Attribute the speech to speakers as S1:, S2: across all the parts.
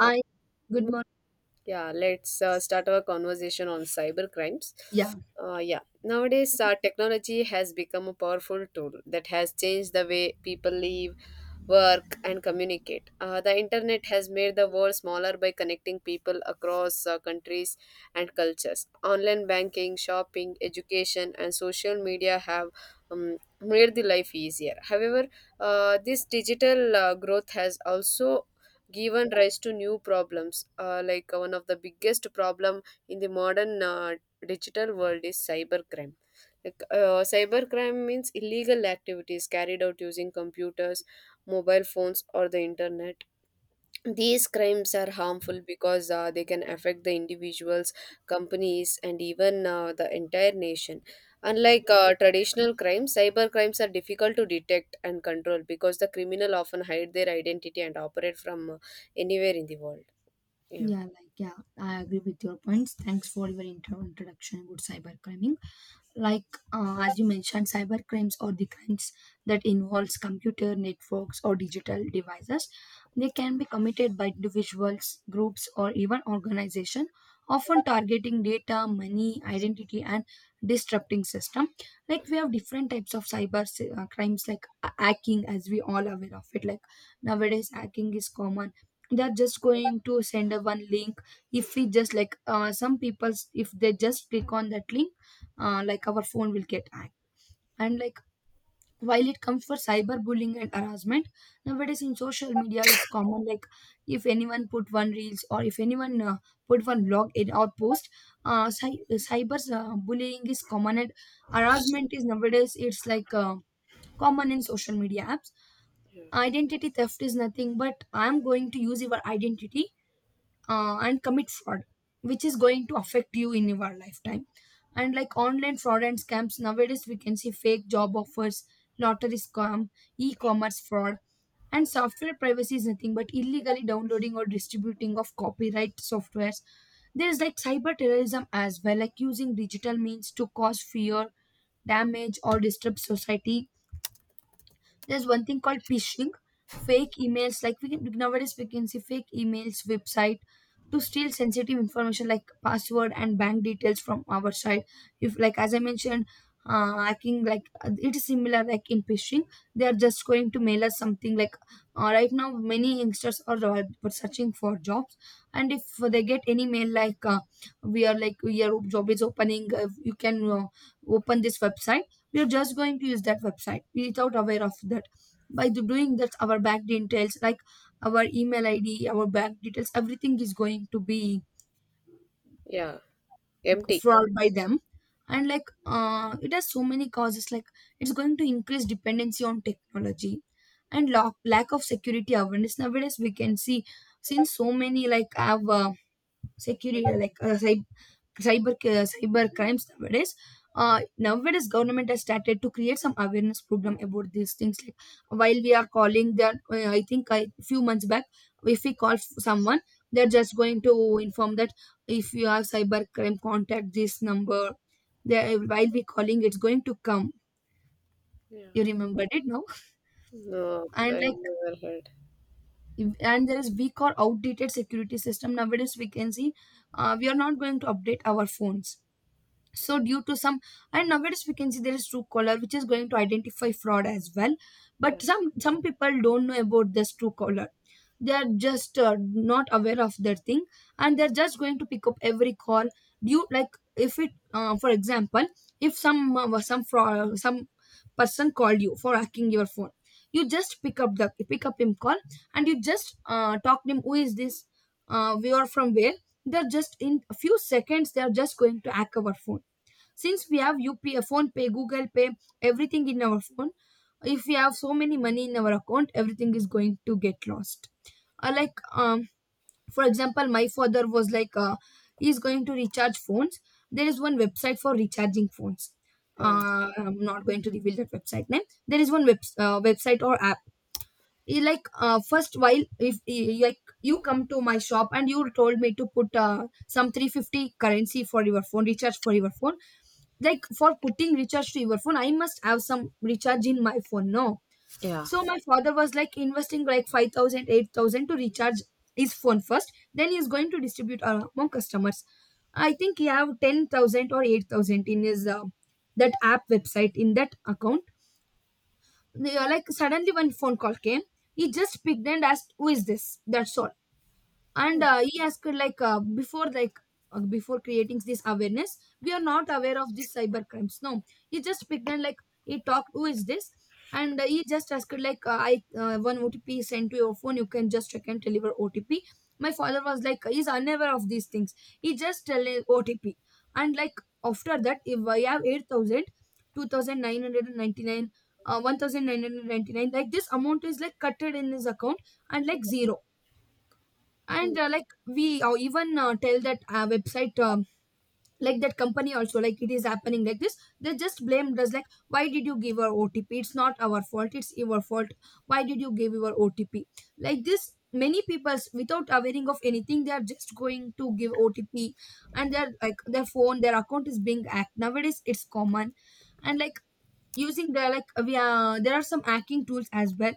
S1: Hi, good
S2: good
S1: mo-
S2: morning.
S1: yeah, let's start our conversation on cyber crimes.
S2: Yeah.
S1: Yeah, nowadays technology has become a powerful tool that has changed the way people live, work, and communicate. The internet has made the world smaller by connecting people across countries and cultures. Online banking, shopping, education, and social media have made the life easier. However, this digital growth has also given rise to new problems. Like one of the biggest problem in the modern digital world is cybercrime. Like cybercrime means illegal activities carried out using computers, mobile phones, or the internet. These crimes are harmful because they can affect the individuals, companies, and even the entire nation. Unlike traditional crimes, cyber crimes are difficult to detect and control because the criminal often hide their identity and operate from anywhere in the world. Yeah.
S2: Yeah, like yeah, I agree with your points. Thanks for your introduction about cybercrime. Like as you mentioned, cyber crimes, or the crimes that involves computer networks or digital devices, they can be committed by individuals, groups, or even organization, often targeting data, money, identity, and disrupting system. Like we have different types of crimes, like hacking. As we all aware of it, like nowadays hacking is common. They're just going to send a one link. If we just like some people, if they just click on that link, like our phone will get hacked. And like, while it comes for cyberbullying and harassment, nowadays in social media it's common. Like if anyone put one reels, or if anyone put one blog in or post, cyber bullying is common, and harassment is nowadays it's like common in social media apps.
S1: Yeah.
S2: Identity theft is nothing but I'm going to use your identity and commit fraud, which is going to affect you in your lifetime. And like online fraud and scams, nowadays we can see fake job offers, lottery scam, e-commerce fraud. And software privacy is nothing but illegally downloading or distributing of copyright softwares. There's like cyber terrorism as well, like using digital means to cause fear, damage, or disturb society. There's one thing called phishing, fake emails. Like we can nowadays we can see fake emails, website, to steal sensitive information like password and bank details from our side. If, like as I mentioned, hacking, like it is similar like in phishing. They are just going to mail us something like right now many youngsters are searching for jobs, and if they get any mail like we are like your job is opening, you can open this website. We are just going to use that website without aware of that. By doing that, our back details, like our email ID, our back details, everything is going to be
S1: Yeah, empty.
S2: fraud by them. And like it has so many causes, like it's going to increase dependency on technology, and lack of security awareness. Nowadays we can see, since so many like have security, like cyber crimes nowadays, nowadays government has started to create some awareness program about these things. Like while we are calling that, I think a few months back, if we call someone, they're just going to inform that if you have cyber crime contact this number. They, while we calling, it's going to come.
S1: Yeah.
S2: You remembered it now.
S1: No,
S2: And
S1: I
S2: like,
S1: never heard.
S2: and there is weak or outdated security system. Nowadays we can see we are not going to update our phones, so due to some. And nowadays we can see there is Truecaller, which is going to identify fraud as well, but
S1: Yeah.
S2: some people don't know about this Truecaller. They're just not aware of their thing, and they're just going to pick up every call. Due like, if it for example, if some some fraud some person called you for hacking your phone, you just pick up him call, and you just talk to him, who is this, we are from where. They're just in a few seconds they're just going to hack our phone. Since we have UPI, phone pay, Google Pay, everything in our phone, if we have so many money in our account, everything is going to get lost. Uh, like, um, for example, my father was like, he's going to recharge phones. There is one website for recharging phones.
S1: Yeah.
S2: I'm not going to reveal that website name. There is one website or app. He like first while if he- like you come to my shop and you told me to put some 350 currency for your phone recharge for your phone. Like for putting recharge to your phone, I must have some recharge in my phone no.
S1: Yeah.
S2: So my father was like investing like 5,000, 8,000 to recharge his phone first, then he is going to distribute among customers. I think he have 10,000 or 8,000 in his that app website in that account. They are like suddenly one phone call came. He just picked and asked who is this, that's all. And he asked like before like before creating this awareness we are not aware of these cyber crimes no. He just picked and like he talked who is this. And he just asked like I one otp is sent to your phone, you can just check and deliver otp. My father was like he's unaware of these things, he just tell him otp. And like after that, if I have 8,000, 2,990, 1999, like this amount is like cutted in his account, and like zero. And
S1: Hmm.
S2: like we even tell that website, like that company also, like it is happening like this, they just blamed us like why did you give our otp, it's not our fault it's your fault, why did you give your otp. Like this many people without awareing of anything, they are just going to give otp, and their like their phone their account is being hacked, nowadays it's common. And like using the like we are there are some hacking tools as well,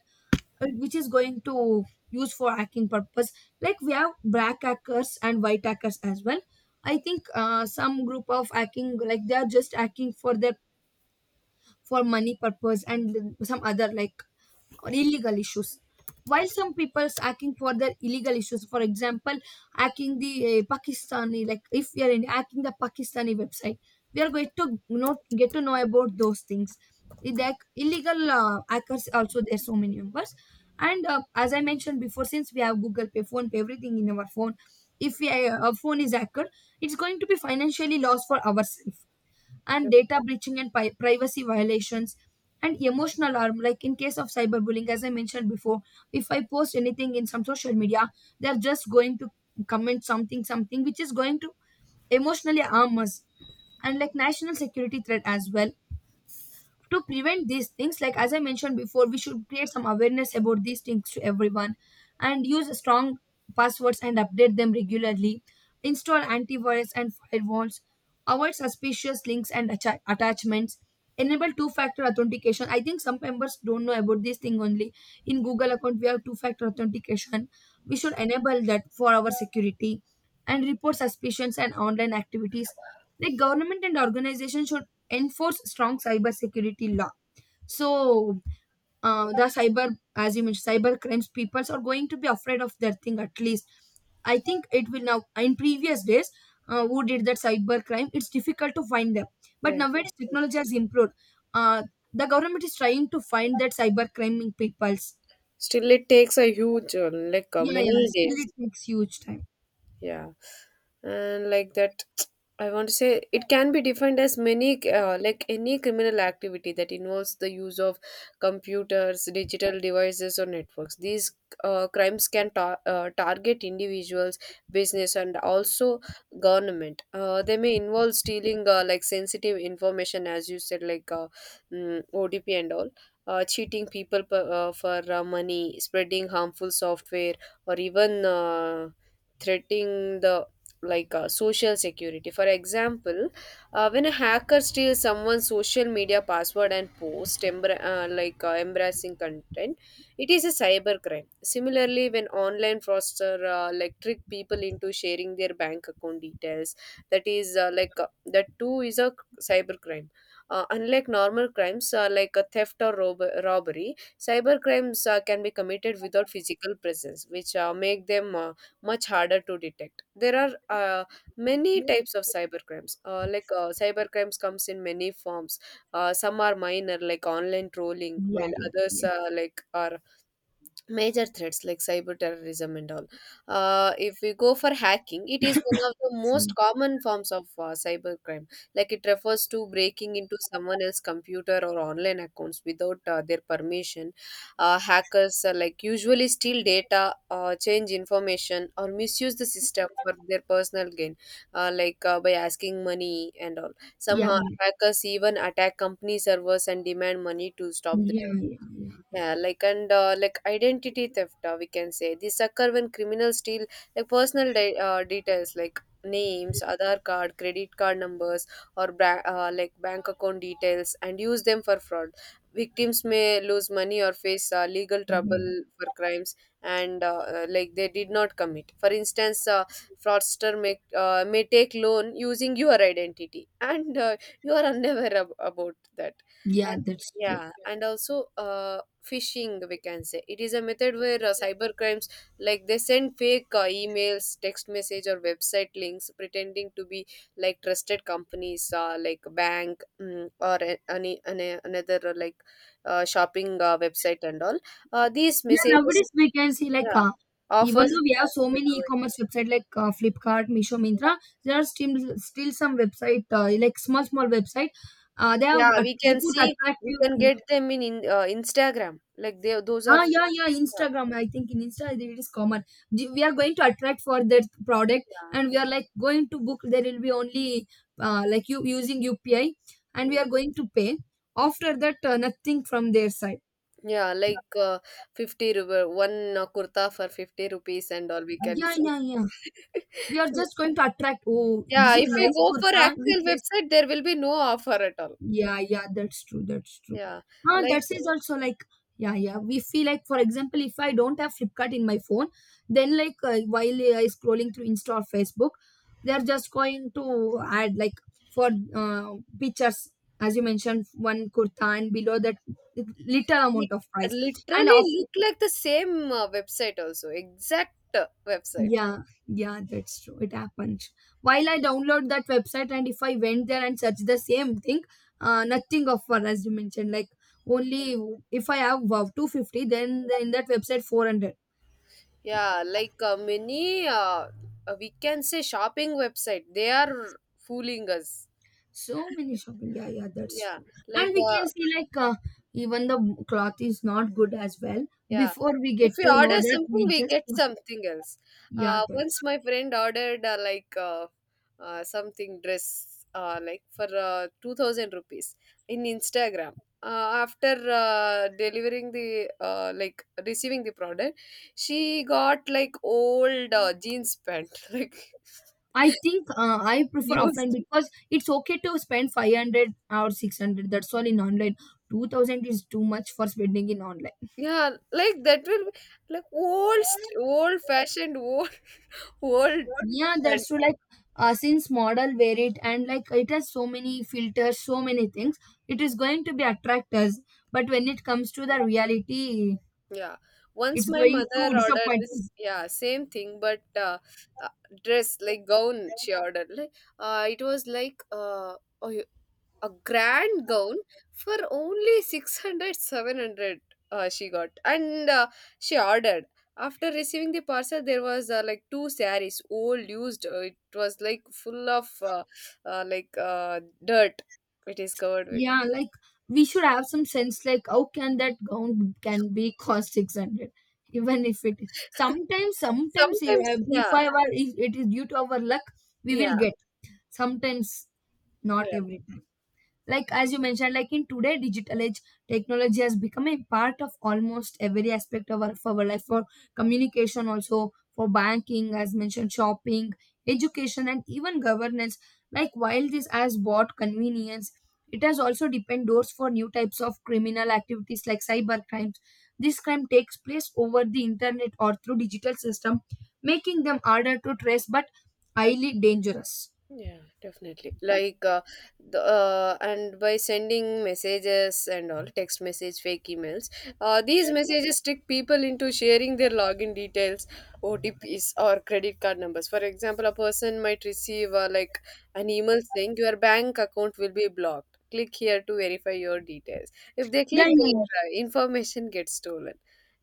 S2: which is going to use for hacking purpose. Like we have black hackers and white hackers as well. I think some group of hacking, like they are just hacking for their for money purpose, and some other like or illegal issues. While some people people's hacking for their illegal issues, for example hacking the pakistani, like if we are in hacking the pakistani website, we are going to not get to know about those things. With the illegal hackers also there's so many numbers. And as I mentioned before, since we have google pay phone pay everything in our phone, if we, our phone is hacked, it's going to be financially lost for ourselves. And data breaching and privacy violations, and emotional harm, like in case of cyberbullying as I mentioned before, if I post anything in some social media, they're just going to comment something something, which is going to emotionally harm us. And like national security threat as well. To prevent these things, like as I mentioned before, we should create some awareness about these things to everyone, and use strong passwords and update them regularly, install antivirus and firewalls, avoid suspicious links and attachments, enable two factor authentication. I think some members don't know about this thing only. In google account we have two factor authentication, we should enable that for our security, and report suspicions and online activities. Like government and organizations should enforce strong cyber security law. So the cyber, as you mentioned cyber crimes, people are going to be afraid of their thing at least. I think it will now. In previous days, who did that cyber crime, it's difficult to find them, but
S1: Yeah.
S2: nowadays technology
S1: Absolutely.
S2: has improved. uh, the government is trying to find that cyber crime peoples.
S1: Still, it takes a huge,
S2: Yeah, yeah,
S1: many
S2: still it
S1: days.
S2: takes huge time.
S1: Yeah, and like that I want to say it can be defined as many like any criminal activity that involves the use of computers, digital devices, or networks. These crimes can target individuals, business, and also government. They may involve stealing like sensitive information, as you said, like OTP and all, cheating people for money, spreading harmful software, or even threatening the like social security. For example, when a hacker steals someone's social media password and posts like embarrassing content, it is a cyber crime. Similarly, when online fraudster like trick people into sharing their bank account details, that is like that too is a cyber crime. Unlike normal crimes like a theft or robbery, cyber crimes can be committed without physical presence, which make them much harder to detect. There are many types of cybercrimes. Cybercrimes comes in many forms. Some are minor, like online trolling,
S2: Yeah,
S1: while
S2: yeah,
S1: others
S2: yeah.
S1: are major threats like cyber terrorism and all. If we go for hacking, it is one of the most
S2: Sorry.
S1: common forms of cyber crime. Like, it refers to breaking into someone else's computer or online accounts without their permission. Hackers like usually steal data, change information, or misuse the system for their personal gain, like by asking money and all.
S2: Yeah,
S1: Somehow
S2: yeah,
S1: hackers even attack company servers and demand money to stop the.
S2: yeah, yeah,
S1: Yeah, like, and like identity theft, we can say these occur when criminals steal like personal details like names, Aadhaar card, credit card numbers, or like bank account details, and use them for fraud. Victims may lose money or face legal
S2: yeah,
S1: trouble for crimes and like they did not commit. For instance, fraudster may take loan using your identity, and you are unaware about that.
S2: yeah,
S1: And
S2: that's true.
S1: yeah, and also phishing, we can say it is a method where cyber crimes like they send fake emails, text message, or website links pretending to be like trusted companies like bank, or any another like shopping website and all. These
S2: Yeah,
S1: messages,
S2: nowadays we can see like
S1: yeah,
S2: even
S1: offers.
S2: though we have so many e-commerce website like Flipkart, Misho, Mintra, there are still some website like small small website. They have
S1: Yeah, we
S2: they
S1: can
S2: put
S1: see we
S2: attractive.
S1: can
S2: Yeah.
S1: get them in Instagram. Like, they those are
S2: Ah, yeah, yeah. Instagram. I think in Insta it is common. We are going to attract for their product, and we
S1: yeah,
S2: are like going to book. There will be only like you using UPI, and we
S1: yeah.
S2: are going to pay. After that, nothing from their side.
S1: Yeah, like 50 rupees, one kurta for 50 rupees and all we can
S2: Yeah,
S1: see.
S2: yeah, yeah. We are just going to attract, oh this
S1: Yeah,
S2: is
S1: if we
S2: rice
S1: go for
S2: kurta
S1: actual
S2: which is.
S1: website, there will be no offer at all.
S2: Yeah, yeah, that's true, that's true.
S1: Yeah,
S2: Ah, that
S1: like
S2: is also like. Yeah, yeah, we feel like, for example if I don't have flipkart in my phone, then like while I scrolling through insta or facebook, they are just going to add like for uh, pictures, as you mentioned, one kurta and below that little amount
S1: it
S2: of price, and of.
S1: literally look like the same website also, exact website.
S2: Yeah, yeah, that's true. It happened. While I download that website and if I went there and search the same thing, nothing offer as you mentioned. Like only if I have wow, 250, then in that website 400.
S1: Yeah, like many, we can say shopping website, they are fooling us.
S2: So many shopping. Yeah, yeah, that's
S1: Yeah,
S2: true. And
S1: like
S2: we can see like even the cloth is not good as well.
S1: yeah.
S2: Before we
S1: If
S2: get
S1: we
S2: to know
S1: order
S2: that,
S1: something,
S2: we
S1: we
S2: just
S1: get something else.
S2: yeah, that's
S1: Once my friend ordered like something dress like for 2000 rupees in Instagram. After delivering the like receiving the product, she got like old jeans pant like
S2: I think I prefer offline
S1: used.
S2: because it's okay to spend 500 or 600. That's all in online. 2000 is too much for spending in online.
S1: Yeah, like that will be like old, old fashioned, old, old.
S2: Yeah, that's true. Like, since model wear it and like it has so many filters, so many things, it is going to be attract us. But when it comes to the reality,
S1: Yeah. Once
S2: it's
S1: my
S2: going
S1: mother
S2: to
S1: ordered
S2: disappoint
S1: this,
S2: us.
S1: yeah, same thing, but uh, dress like gown she ordered. Like, it was like a, a grand gown for only 600, 700. 700 she got. And she ordered. After receiving the parcel, there was like two saris, old, used. It was like full of like dirt. It is covered with.
S2: Yeah, like we should have some sense like how can that gown can be cost 600 even if it is sometimes
S1: Sometimes,
S2: if
S1: yeah,
S2: I were if it is due to our luck we will
S1: yeah.
S2: get sometimes, not every time. Like, as you mentioned, like in today digital age, technology has become a part of almost every aspect of our life, for communication, also for banking, as mentioned, shopping, education, and even governance. Like, while this has brought convenience, it has also opened doors for new types of criminal activities like cyber crimes. This crime takes place over the internet or through digital system, making them harder to trace but highly dangerous.
S1: Yeah, definitely. Like, and by sending messages and all, text message, fake emails, these messages trick people into sharing their login details, OTPs, or credit card numbers. For example, a person might receive like an email saying your bank account will be blocked. Click here to verify your details. If they
S2: yeah
S1: click,
S2: yeah
S1: their information gets stolen.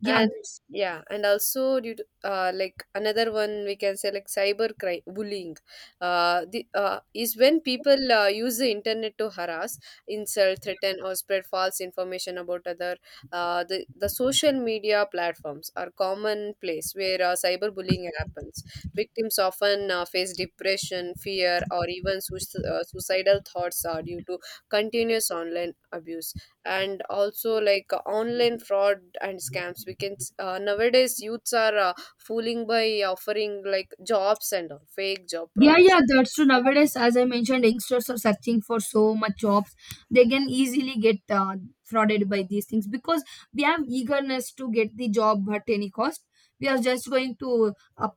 S2: yeah
S1: And
S2: this
S1: yeah, and also due to like another one we can say like cyber crime bullying, is when people use the internet to harass, insult, threaten, or spread false information about other. The social media platforms are common place where cyberbullying happens. Victims often face depression, fear, or even suicidal thoughts due to continuous online abuse. And also like online fraud and scams, we can nowadays youths are fooling by offering like jobs and all, fake job
S2: Yeah,
S1: promise.
S2: yeah, that's true. Nowadays, as I mentioned, youngsters are searching for so much jobs. They can easily get frauded by these things because we have eagerness to get the job at any cost. We are just going to up,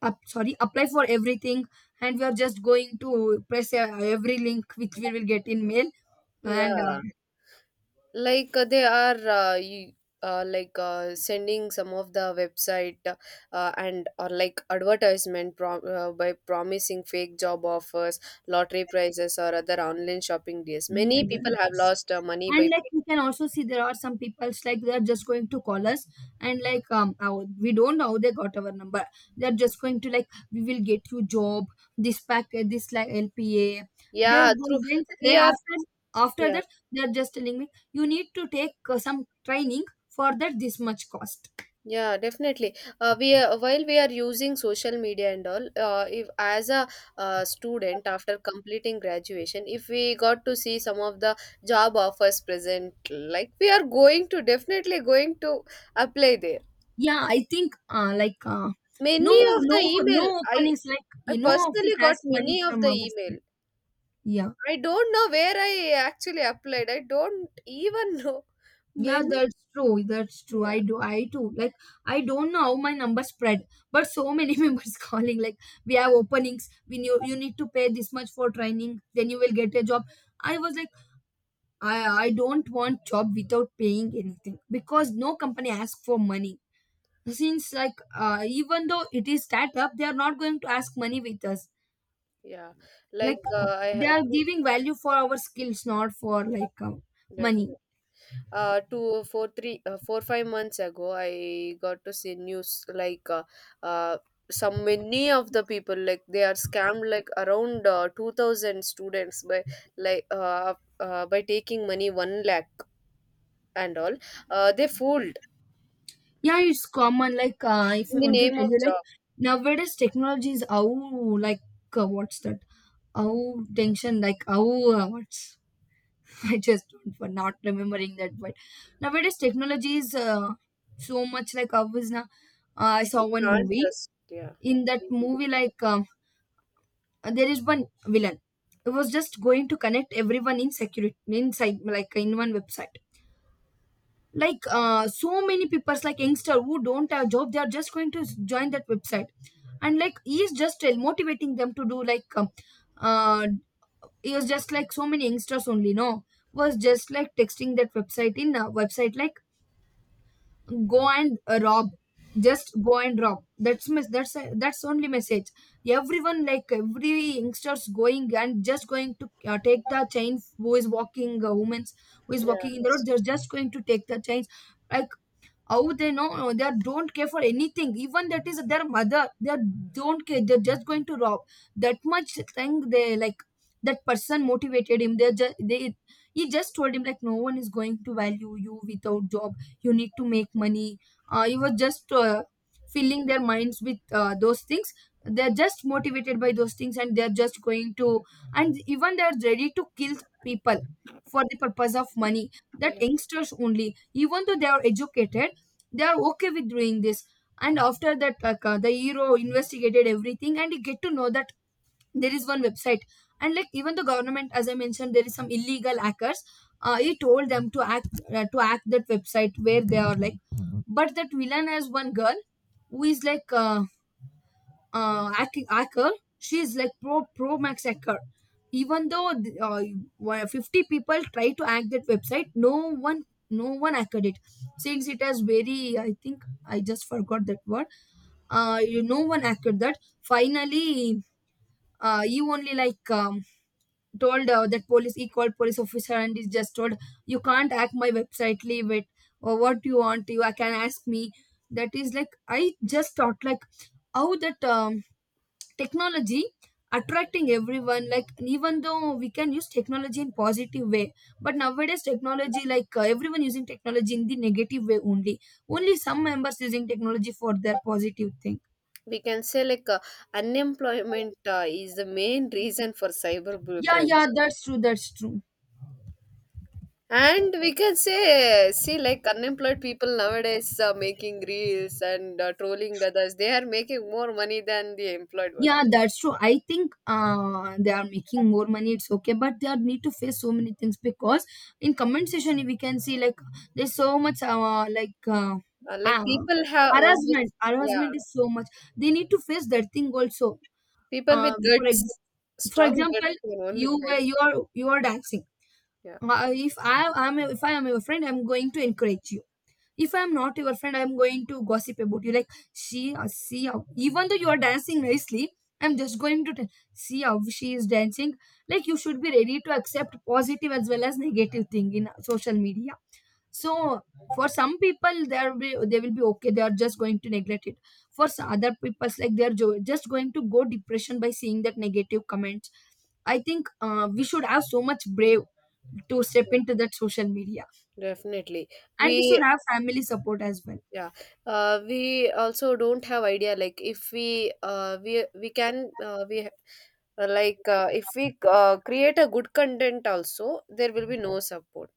S2: up, sorry, apply for everything, and we are just going to press every link which we will get in mail. And
S1: Yeah, like they are like sending some of the website and or like advertisement by promising fake job offers, lottery prizes, or other online shopping deals.
S2: yeah,
S1: Many
S2: yeah,
S1: people have lost money
S2: and
S1: by
S2: like we can also see there are some people's like they are just going to call us, and like our, we don't know how they got our number. They are just going to like, we will get you job, this package, this like LPA.
S1: yeah
S2: they're
S1: through
S2: then,
S1: we
S2: then
S1: are
S2: after after
S1: yeah.
S2: that they are just telling me you need to take some training, for that this much cost.
S1: Yeah, definitely. We are, while we are using social media and all, if as a student, after completing graduation, if we got to see some of the job offers present, like we are going to definitely going to apply there.
S2: Yeah, I think no
S1: Many of
S2: no
S1: the
S2: no
S1: email,
S2: openings like
S1: I
S2: you know office
S1: personally got
S2: has money
S1: many of
S2: from
S1: the
S2: our
S1: email.
S2: side. Yeah.
S1: I don't know where I actually applied. I don't even know
S2: Yeah,
S1: many.
S2: that's true. That's true.
S1: Yeah,
S2: I do. I too. Like, I don't know how my number spread, but so many members calling. Like, we have openings. We knew you need to pay this much for training. Then you will get a job. I was like, I don't want job without paying anything because no company asks for money. Since like, even though it is startup, they are not going to ask money with us.
S1: yeah.
S2: Like,
S1: Like I
S2: they
S1: have
S2: are
S1: to
S2: giving value for our skills, not for like money.
S1: definitely. Two four three, four five months ago I got to see news like uh some, many of the people, like they are scammed like around 2000 students by like by taking money 1 lakh and all. They fooled
S2: Yeah, it's common. Like, if I
S1: in the
S2: want to
S1: name
S2: tell
S1: of
S2: you, like
S1: job.
S2: nowadays technology is how, like what's that? How tension? Like how what's? I just don't for not remembering that. But nowadays technology is so much like how is now. I saw
S1: You
S2: one
S1: can't
S2: movie.
S1: trust, yeah,
S2: In that movie, like there is one villain. It was just going to connect everyone in security inside, like in one website, like so many people's like youngster who don't have job, they are just going to join that website, and like he is just motivating them to do like uh, he was just like so many youngsters only no, was just like texting that website, in a website like go and rob, just go and rob. That's only message. Everyone like every youngsters going and just going to take the chain, who is walking women's, who is
S1: yeah,
S2: walking in the road, they're just going to take the chains. Like, how they know no, don't care for anything, even that is their mother, don't care, they're just going to rob. That much thing they like, that person motivated him, they're just they he just told him like no one is going to value you without job, you need to make money. Uh, he was just filling their minds with those things. They're just motivated by those things, and they're just going to, and even they're ready to kill people for the purpose of money. That
S1: yeah,
S2: youngsters only, even though they are educated, they are okay with doing this. And after that, like the hero investigated everything and he get to know that there is one website. And like, even the government, as I mentioned, there is some illegal hackers. Uh, he told them to act, to act that website where they are like, but that villain has one girl who is like acting hacker. She is like pro max hacker. Even though 50 people try to hack that website, one no one hacked it, since it has very, I think I just forgot that word. No one hacked that. Finally, he only like told that police. He called police officer and he just told, you can't hack my website. Leave it. Or what you want, you I can ask me. That is like I just thought like how that technology attracting everyone. Like, even though we can use technology in positive way, but nowadays technology like everyone using technology in the negative way only.
S1: yeah.
S2: Only some members using technology for their positive thing.
S1: We can say like unemployment is the main reason for cyber
S2: Yeah, yeah,
S1: crimes.
S2: that's true. That's true.
S1: And we can say, see, like unemployed people nowadays are making reels and trolling others, they are making more money than the employed one.
S2: Yeah, that's true. I think they are making more money. It's okay, but they are need to face so many things, because in comment section we can see like there's so much
S1: Like
S2: uh,
S1: people have,
S2: harassment.
S1: almost, yeah,
S2: Harassment is so much. They need to face that thing also.
S1: people
S2: Uh,
S1: with
S2: for
S1: guts,
S2: ex- for
S1: strong
S2: example,
S1: guts can only face.
S2: you are dancing.
S1: Yeah,
S2: If I am your friend, I'm going to encourage you. If I'm not your friend, I'm going to gossip about you, like she see how, even though you are dancing nicely, I'm just going to tell, see how she is dancing. Like, you should be ready to accept positive as well as negative thing in social media. So for some people, they will be okay, they are just going to neglect it. For other people, like they are just going to go depression by seeing that negative comments. I think we should have so much brave to step
S1: yeah,
S2: into that social media,
S1: definitely.
S2: and we should
S1: We,
S2: have family support as well.
S1: yeah, we also don't have idea. Like if we can, we like if we create a good content also, there will be no support.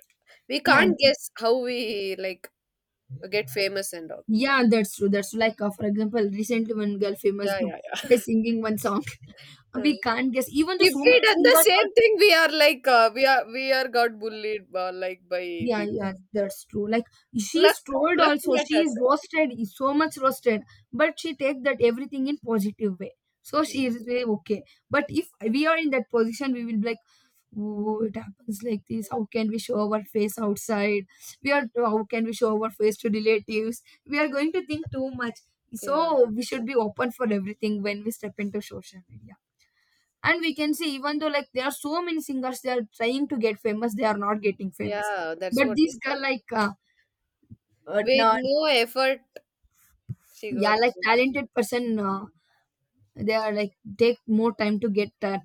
S1: We
S2: Yeah.
S1: can't guess how we like get famous and all.
S2: Yeah, that's true. That's true. Like, for example, recently one girl famous,
S1: Yeah,
S2: no,
S1: yeah,
S2: they're
S1: yeah.
S2: singing one song.
S1: Mm.
S2: We can't guess. Even though
S1: If
S2: so
S1: we
S2: many
S1: done the
S2: singers.
S1: same thing, we are like we are got bullied like by
S2: Yeah,
S1: people.
S2: yeah, that's true. Like,
S1: Luck,
S2: she's trolled
S1: luck
S2: also. She
S1: matters.
S2: is
S1: Actually.
S2: roasted, is so much roasted, but she take that everything in positive way. So she is way okay. But if we are in that position, we will be like, oh, it happens like this. How can we show our face outside? We are How can we show our face to relatives? We are going to think too much.
S1: Yeah,
S2: So we should be open for everything when we step into social media, and we can see even though like there are so many singers, they are trying to get famous, they are not getting famous.
S1: yeah. That's
S2: But
S1: what I
S2: these
S1: said.
S2: girl like
S1: With
S2: no,
S1: no effort, she
S2: yeah,
S1: got
S2: like
S1: famous.
S2: talented person, they are like take more time to get that.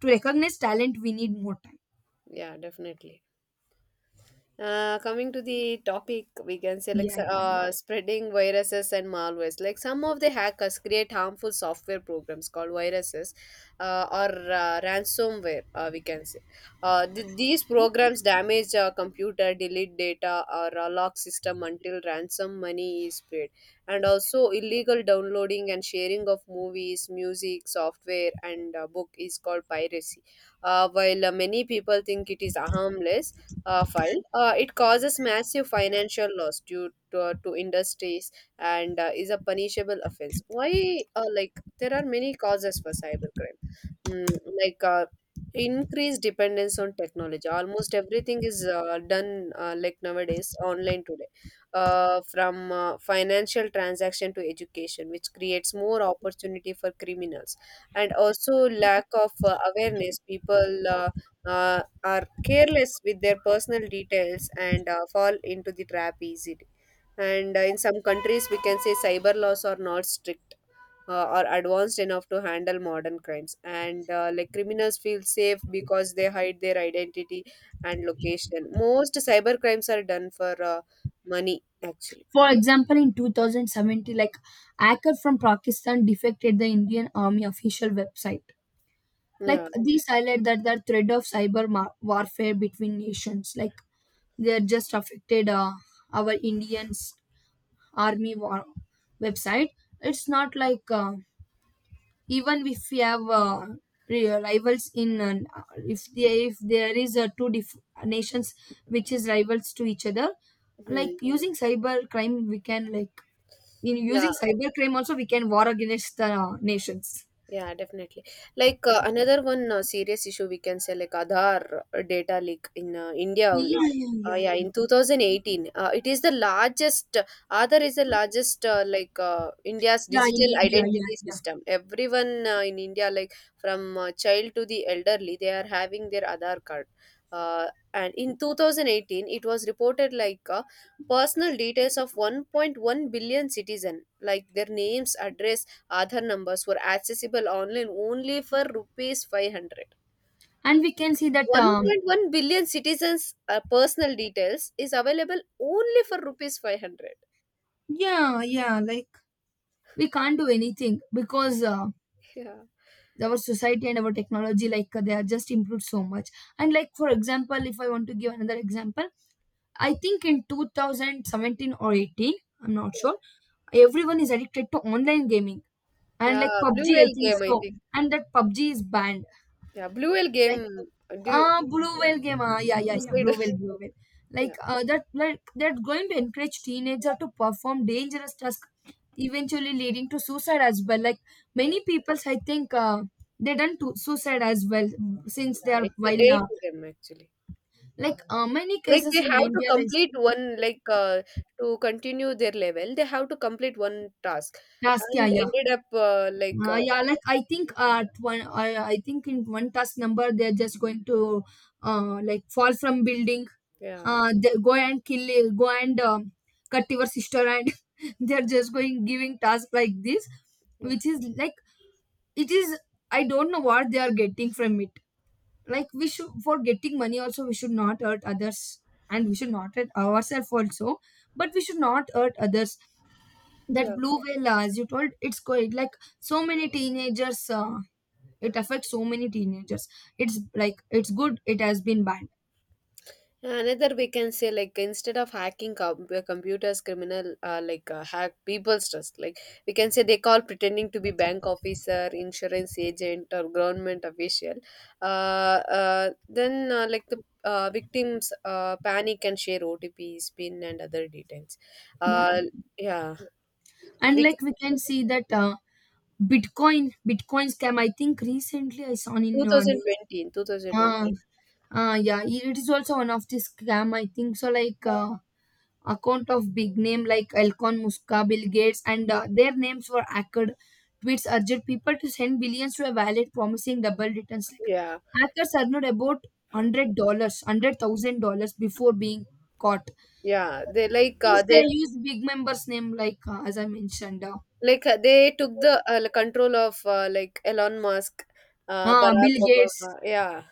S2: To recognize talent we need more time.
S1: Yeah, definitely. Coming to the topic, we can say like
S2: Yeah, yeah, yeah.
S1: spreading viruses and malwares. Like some of the hackers create harmful software programs called viruses or ransomware, we can say. These programs damage a computer, delete data, or lock system until ransom money is paid. And also, illegal downloading and sharing of movies, music, software, and book is called piracy. While many people think it is harmless, it causes massive financial loss due to industries and is a punishable offense. Why, like, there are many causes for cybercrime, mm, like increased dependence on technology. Almost everything is done, like nowadays, online today, from financial transaction to education, which creates more opportunity for criminals, and also lack of awareness. People uh, are careless with their personal details and fall into the trap easily. And in some countries, we can say cyber laws are not strict or advanced enough to handle modern crimes. And like, criminals feel safe because they hide their identity and location. Most cyber crimes are done for money, actually.
S2: For example, in 2070, like, hacker from Pakistan defected the Indian army official website. Like,
S1: Yeah.
S2: these highlight that the threat of cyber warfare between nations. Like, they are just affected our Indian army war website. It's not like even if we have rivals in if there is two nations which is rivals to each other. Like
S1: Hmm.
S2: using cyber crime, we can like, in using
S1: Yeah.
S2: cyber crime also we can war against the nations.
S1: Yeah, definitely. Like another one serious issue we can say like Aadhaar data leak in India only.
S2: Yeah, yeah, yeah,
S1: Yeah,
S2: yeah.
S1: in 2018, it is the largest. Aadhaar is the largest like India's
S2: Yeah, in
S1: digital
S2: India, yeah,
S1: identity
S2: yeah.
S1: system. Everyone in India, like from child to the elderly, they are having their Aadhaar card. Uh, and in 2018, it was reported like personal details of 1.1 billion citizen, like their names, address, Aadhar numbers were accessible online only for rupees 500.
S2: And we can see that
S1: 1.1 billion citizens' personal details is available only for rupees 500.
S2: yeah, yeah, like we can't do anything because
S1: Yeah.
S2: our society and our technology like they are just improved so much. And like, for example, if I want to give another example, I think in 2017 or 18, I'm not sure, everyone is addicted to online gaming, and
S1: Yeah,
S2: like
S1: Blue
S2: PUBG I
S1: Whale
S2: think
S1: game, I
S2: so.
S1: think.
S2: And that PUBG is banned.
S1: Yeah, Blue Whale
S2: Like,
S1: game. Do
S2: blue whale game, ah yeah, yeah, yeah,
S1: suicide.
S2: blue whale. Like,
S1: Yeah,
S2: that, like, they're going to encourage teenager to perform dangerous tasks, eventually leading to suicide as well. Like,
S1: yeah,
S2: many people, I think they done to suicide as well, since they are
S1: yeah. It's a
S2: while
S1: day to them actually.
S2: many
S1: Like
S2: cases
S1: they
S2: in
S1: have to
S2: India, like
S1: complete one, like to continue their level, they have to complete one task,
S2: task, yeah,
S1: and
S2: yeah.
S1: ended up like
S2: Yeah, like I think at one, I think in one task number they're just going to, like fall from building,
S1: yeah,
S2: they go and kill, go and cut your sister, and they're just going giving task like this,
S1: yeah,
S2: which is like, it is. I don't know what they are getting from it. Like we should, for getting money also we should not hurt others, and we should not hurt ourselves also, but we should not hurt others. That
S1: yeah.
S2: blue whale, as you told, it's quite like so many teenagers. It affects so many teenagers. It's like it's good it has been banned,
S1: Another we can say like instead of hacking computers, criminal like hack people's trust. Like, we can say they call pretending to be bank officer, insurance agent, or government official. Then like the victims panic and share OTPs, PIN, and other details.
S2: yeah,
S1: Uh,
S2: yeah.
S1: yeah,
S2: And
S1: we.
S2: like we can see that bitcoin scam. I think recently I saw in news.
S1: 2020, in
S2: uh,
S1: 2020,
S2: yeah, it is also one of the scam, I think. So like account of big name like Elcon Musk, Bill Gates, and their names were hacked. Tweets urged people to send billions to a wallet promising double returns. Like
S1: yeah,
S2: hackers earned about $100, $100,000 before being caught.
S1: yeah, they like
S2: Since they
S1: they.
S2: use big members' name, like as I mentioned,
S1: Like they took the like, control of like Elon Musk, Barack
S2: Bill Gates.
S1: Obama, yeah,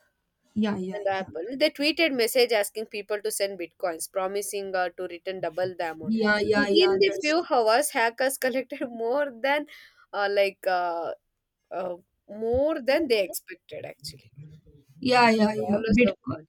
S2: Yeah, yeah,
S1: and
S2: yeah,
S1: Apple. They tweeted message asking people to send bitcoins, promising to return double the amount.
S2: yeah, yeah,
S1: Within
S2: yeah.
S1: the
S2: That's
S1: few hours, hackers collected more than uh, like uh, uh, more than they
S2: true.
S1: expected actually.
S2: Yeah, yeah, yeah.
S1: Dollars of
S2: Bitcoin.
S1: money.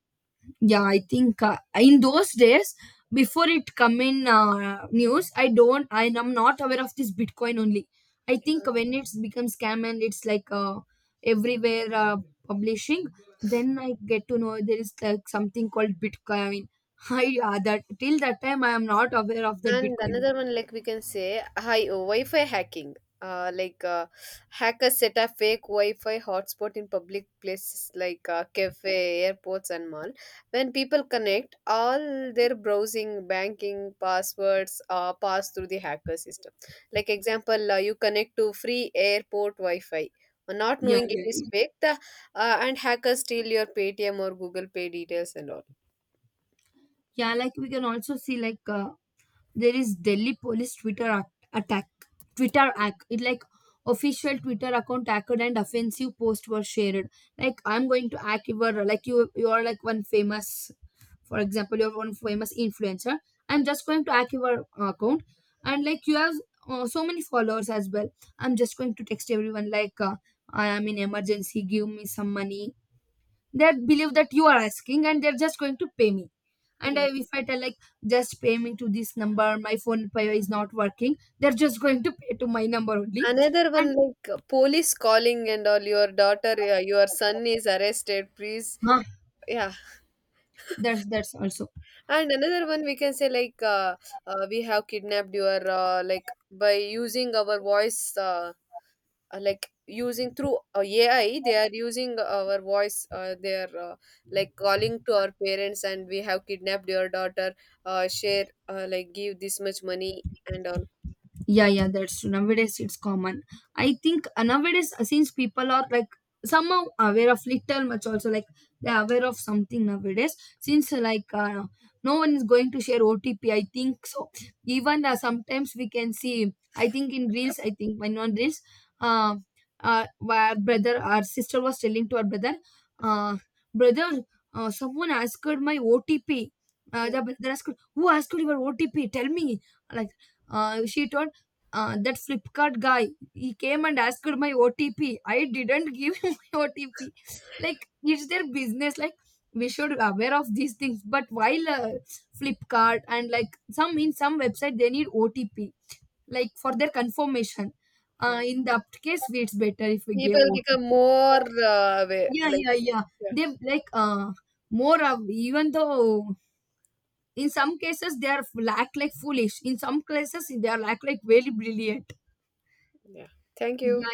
S2: Yeah, I think in those days, before it come in news, I don't. I am not aware of this Bitcoin only. I think when it's become scam and it's like everywhere publishing, then I get to know there is like something called Bitcoin. I That till that time I am not aware of that
S1: And
S2: Bitcoin.
S1: another one, like we can say, hi, oh, Wi-Fi hacking. Like hackers set up fake Wi-Fi hotspot in public places like cafe, airports, and mall. When people connect, all their browsing, banking, passwords pass through the hacker system. Like, example, you connect to free airport Wi-Fi, not
S2: Yeah,
S1: knowing it
S2: yeah,
S1: is
S2: yeah.
S1: fake, the, and hackers steal your Paytm or Google Pay details and all.
S2: Yeah, like we can also see like there is Delhi police attack. Twitter act. It like official Twitter account hacked and offensive posts were shared. Like I'm going to hack your, like you are like one famous, for example you're one famous influencer. I'm just going to hack your account, and like you have so many followers as well. I'm just going to text everyone like I am in emergency. Give me some money. They believe that you are asking and they're just going to pay me, and
S1: Yeah.
S2: I, if I tell like just pay me to this number, my phone pay is not working, they're just going to pay to my number only.
S1: Another
S2: And
S1: one like police calling and all, your daughter, your son is arrested, please.
S2: huh,
S1: Yeah,
S2: that's also.
S1: and another one we can say like we have kidnapped your like by using our voice, like using through AI, they are using our voice. They are like calling to our parents, and we have kidnapped your daughter. Share like, give this much money and all.
S2: Yeah, yeah, that's true. Nowadays it's common. I think nowadays since people are like somehow aware of little much also, like they're aware of something nowadays since no one is going to share OTP, I think so. Even sometimes we can see. I think in reels. I think when on reels, uh, our brother, our sister was telling to our brother, uh, brother, someone asked my OTP. Uh,
S1: Yeah,
S2: the brother asked, who asked your OTP? Tell me. Like she told that Flipkart guy, he came and asked my OTP. I didn't give him my OTP. Like it's their business. Like we should aware of these things. But while Flipkart and like some in some website they need OTP like for their confirmation.
S1: yeah.
S2: In that case, it's better if we give
S1: People
S2: OTP.
S1: become more aware.
S2: Yeah,
S1: Like,
S2: yeah, yeah.
S1: yeah,
S2: They like more of, even though in some cases they are like foolish. In some cases they are act like very brilliant.
S1: yeah. Thank
S2: Yeah,
S1: you.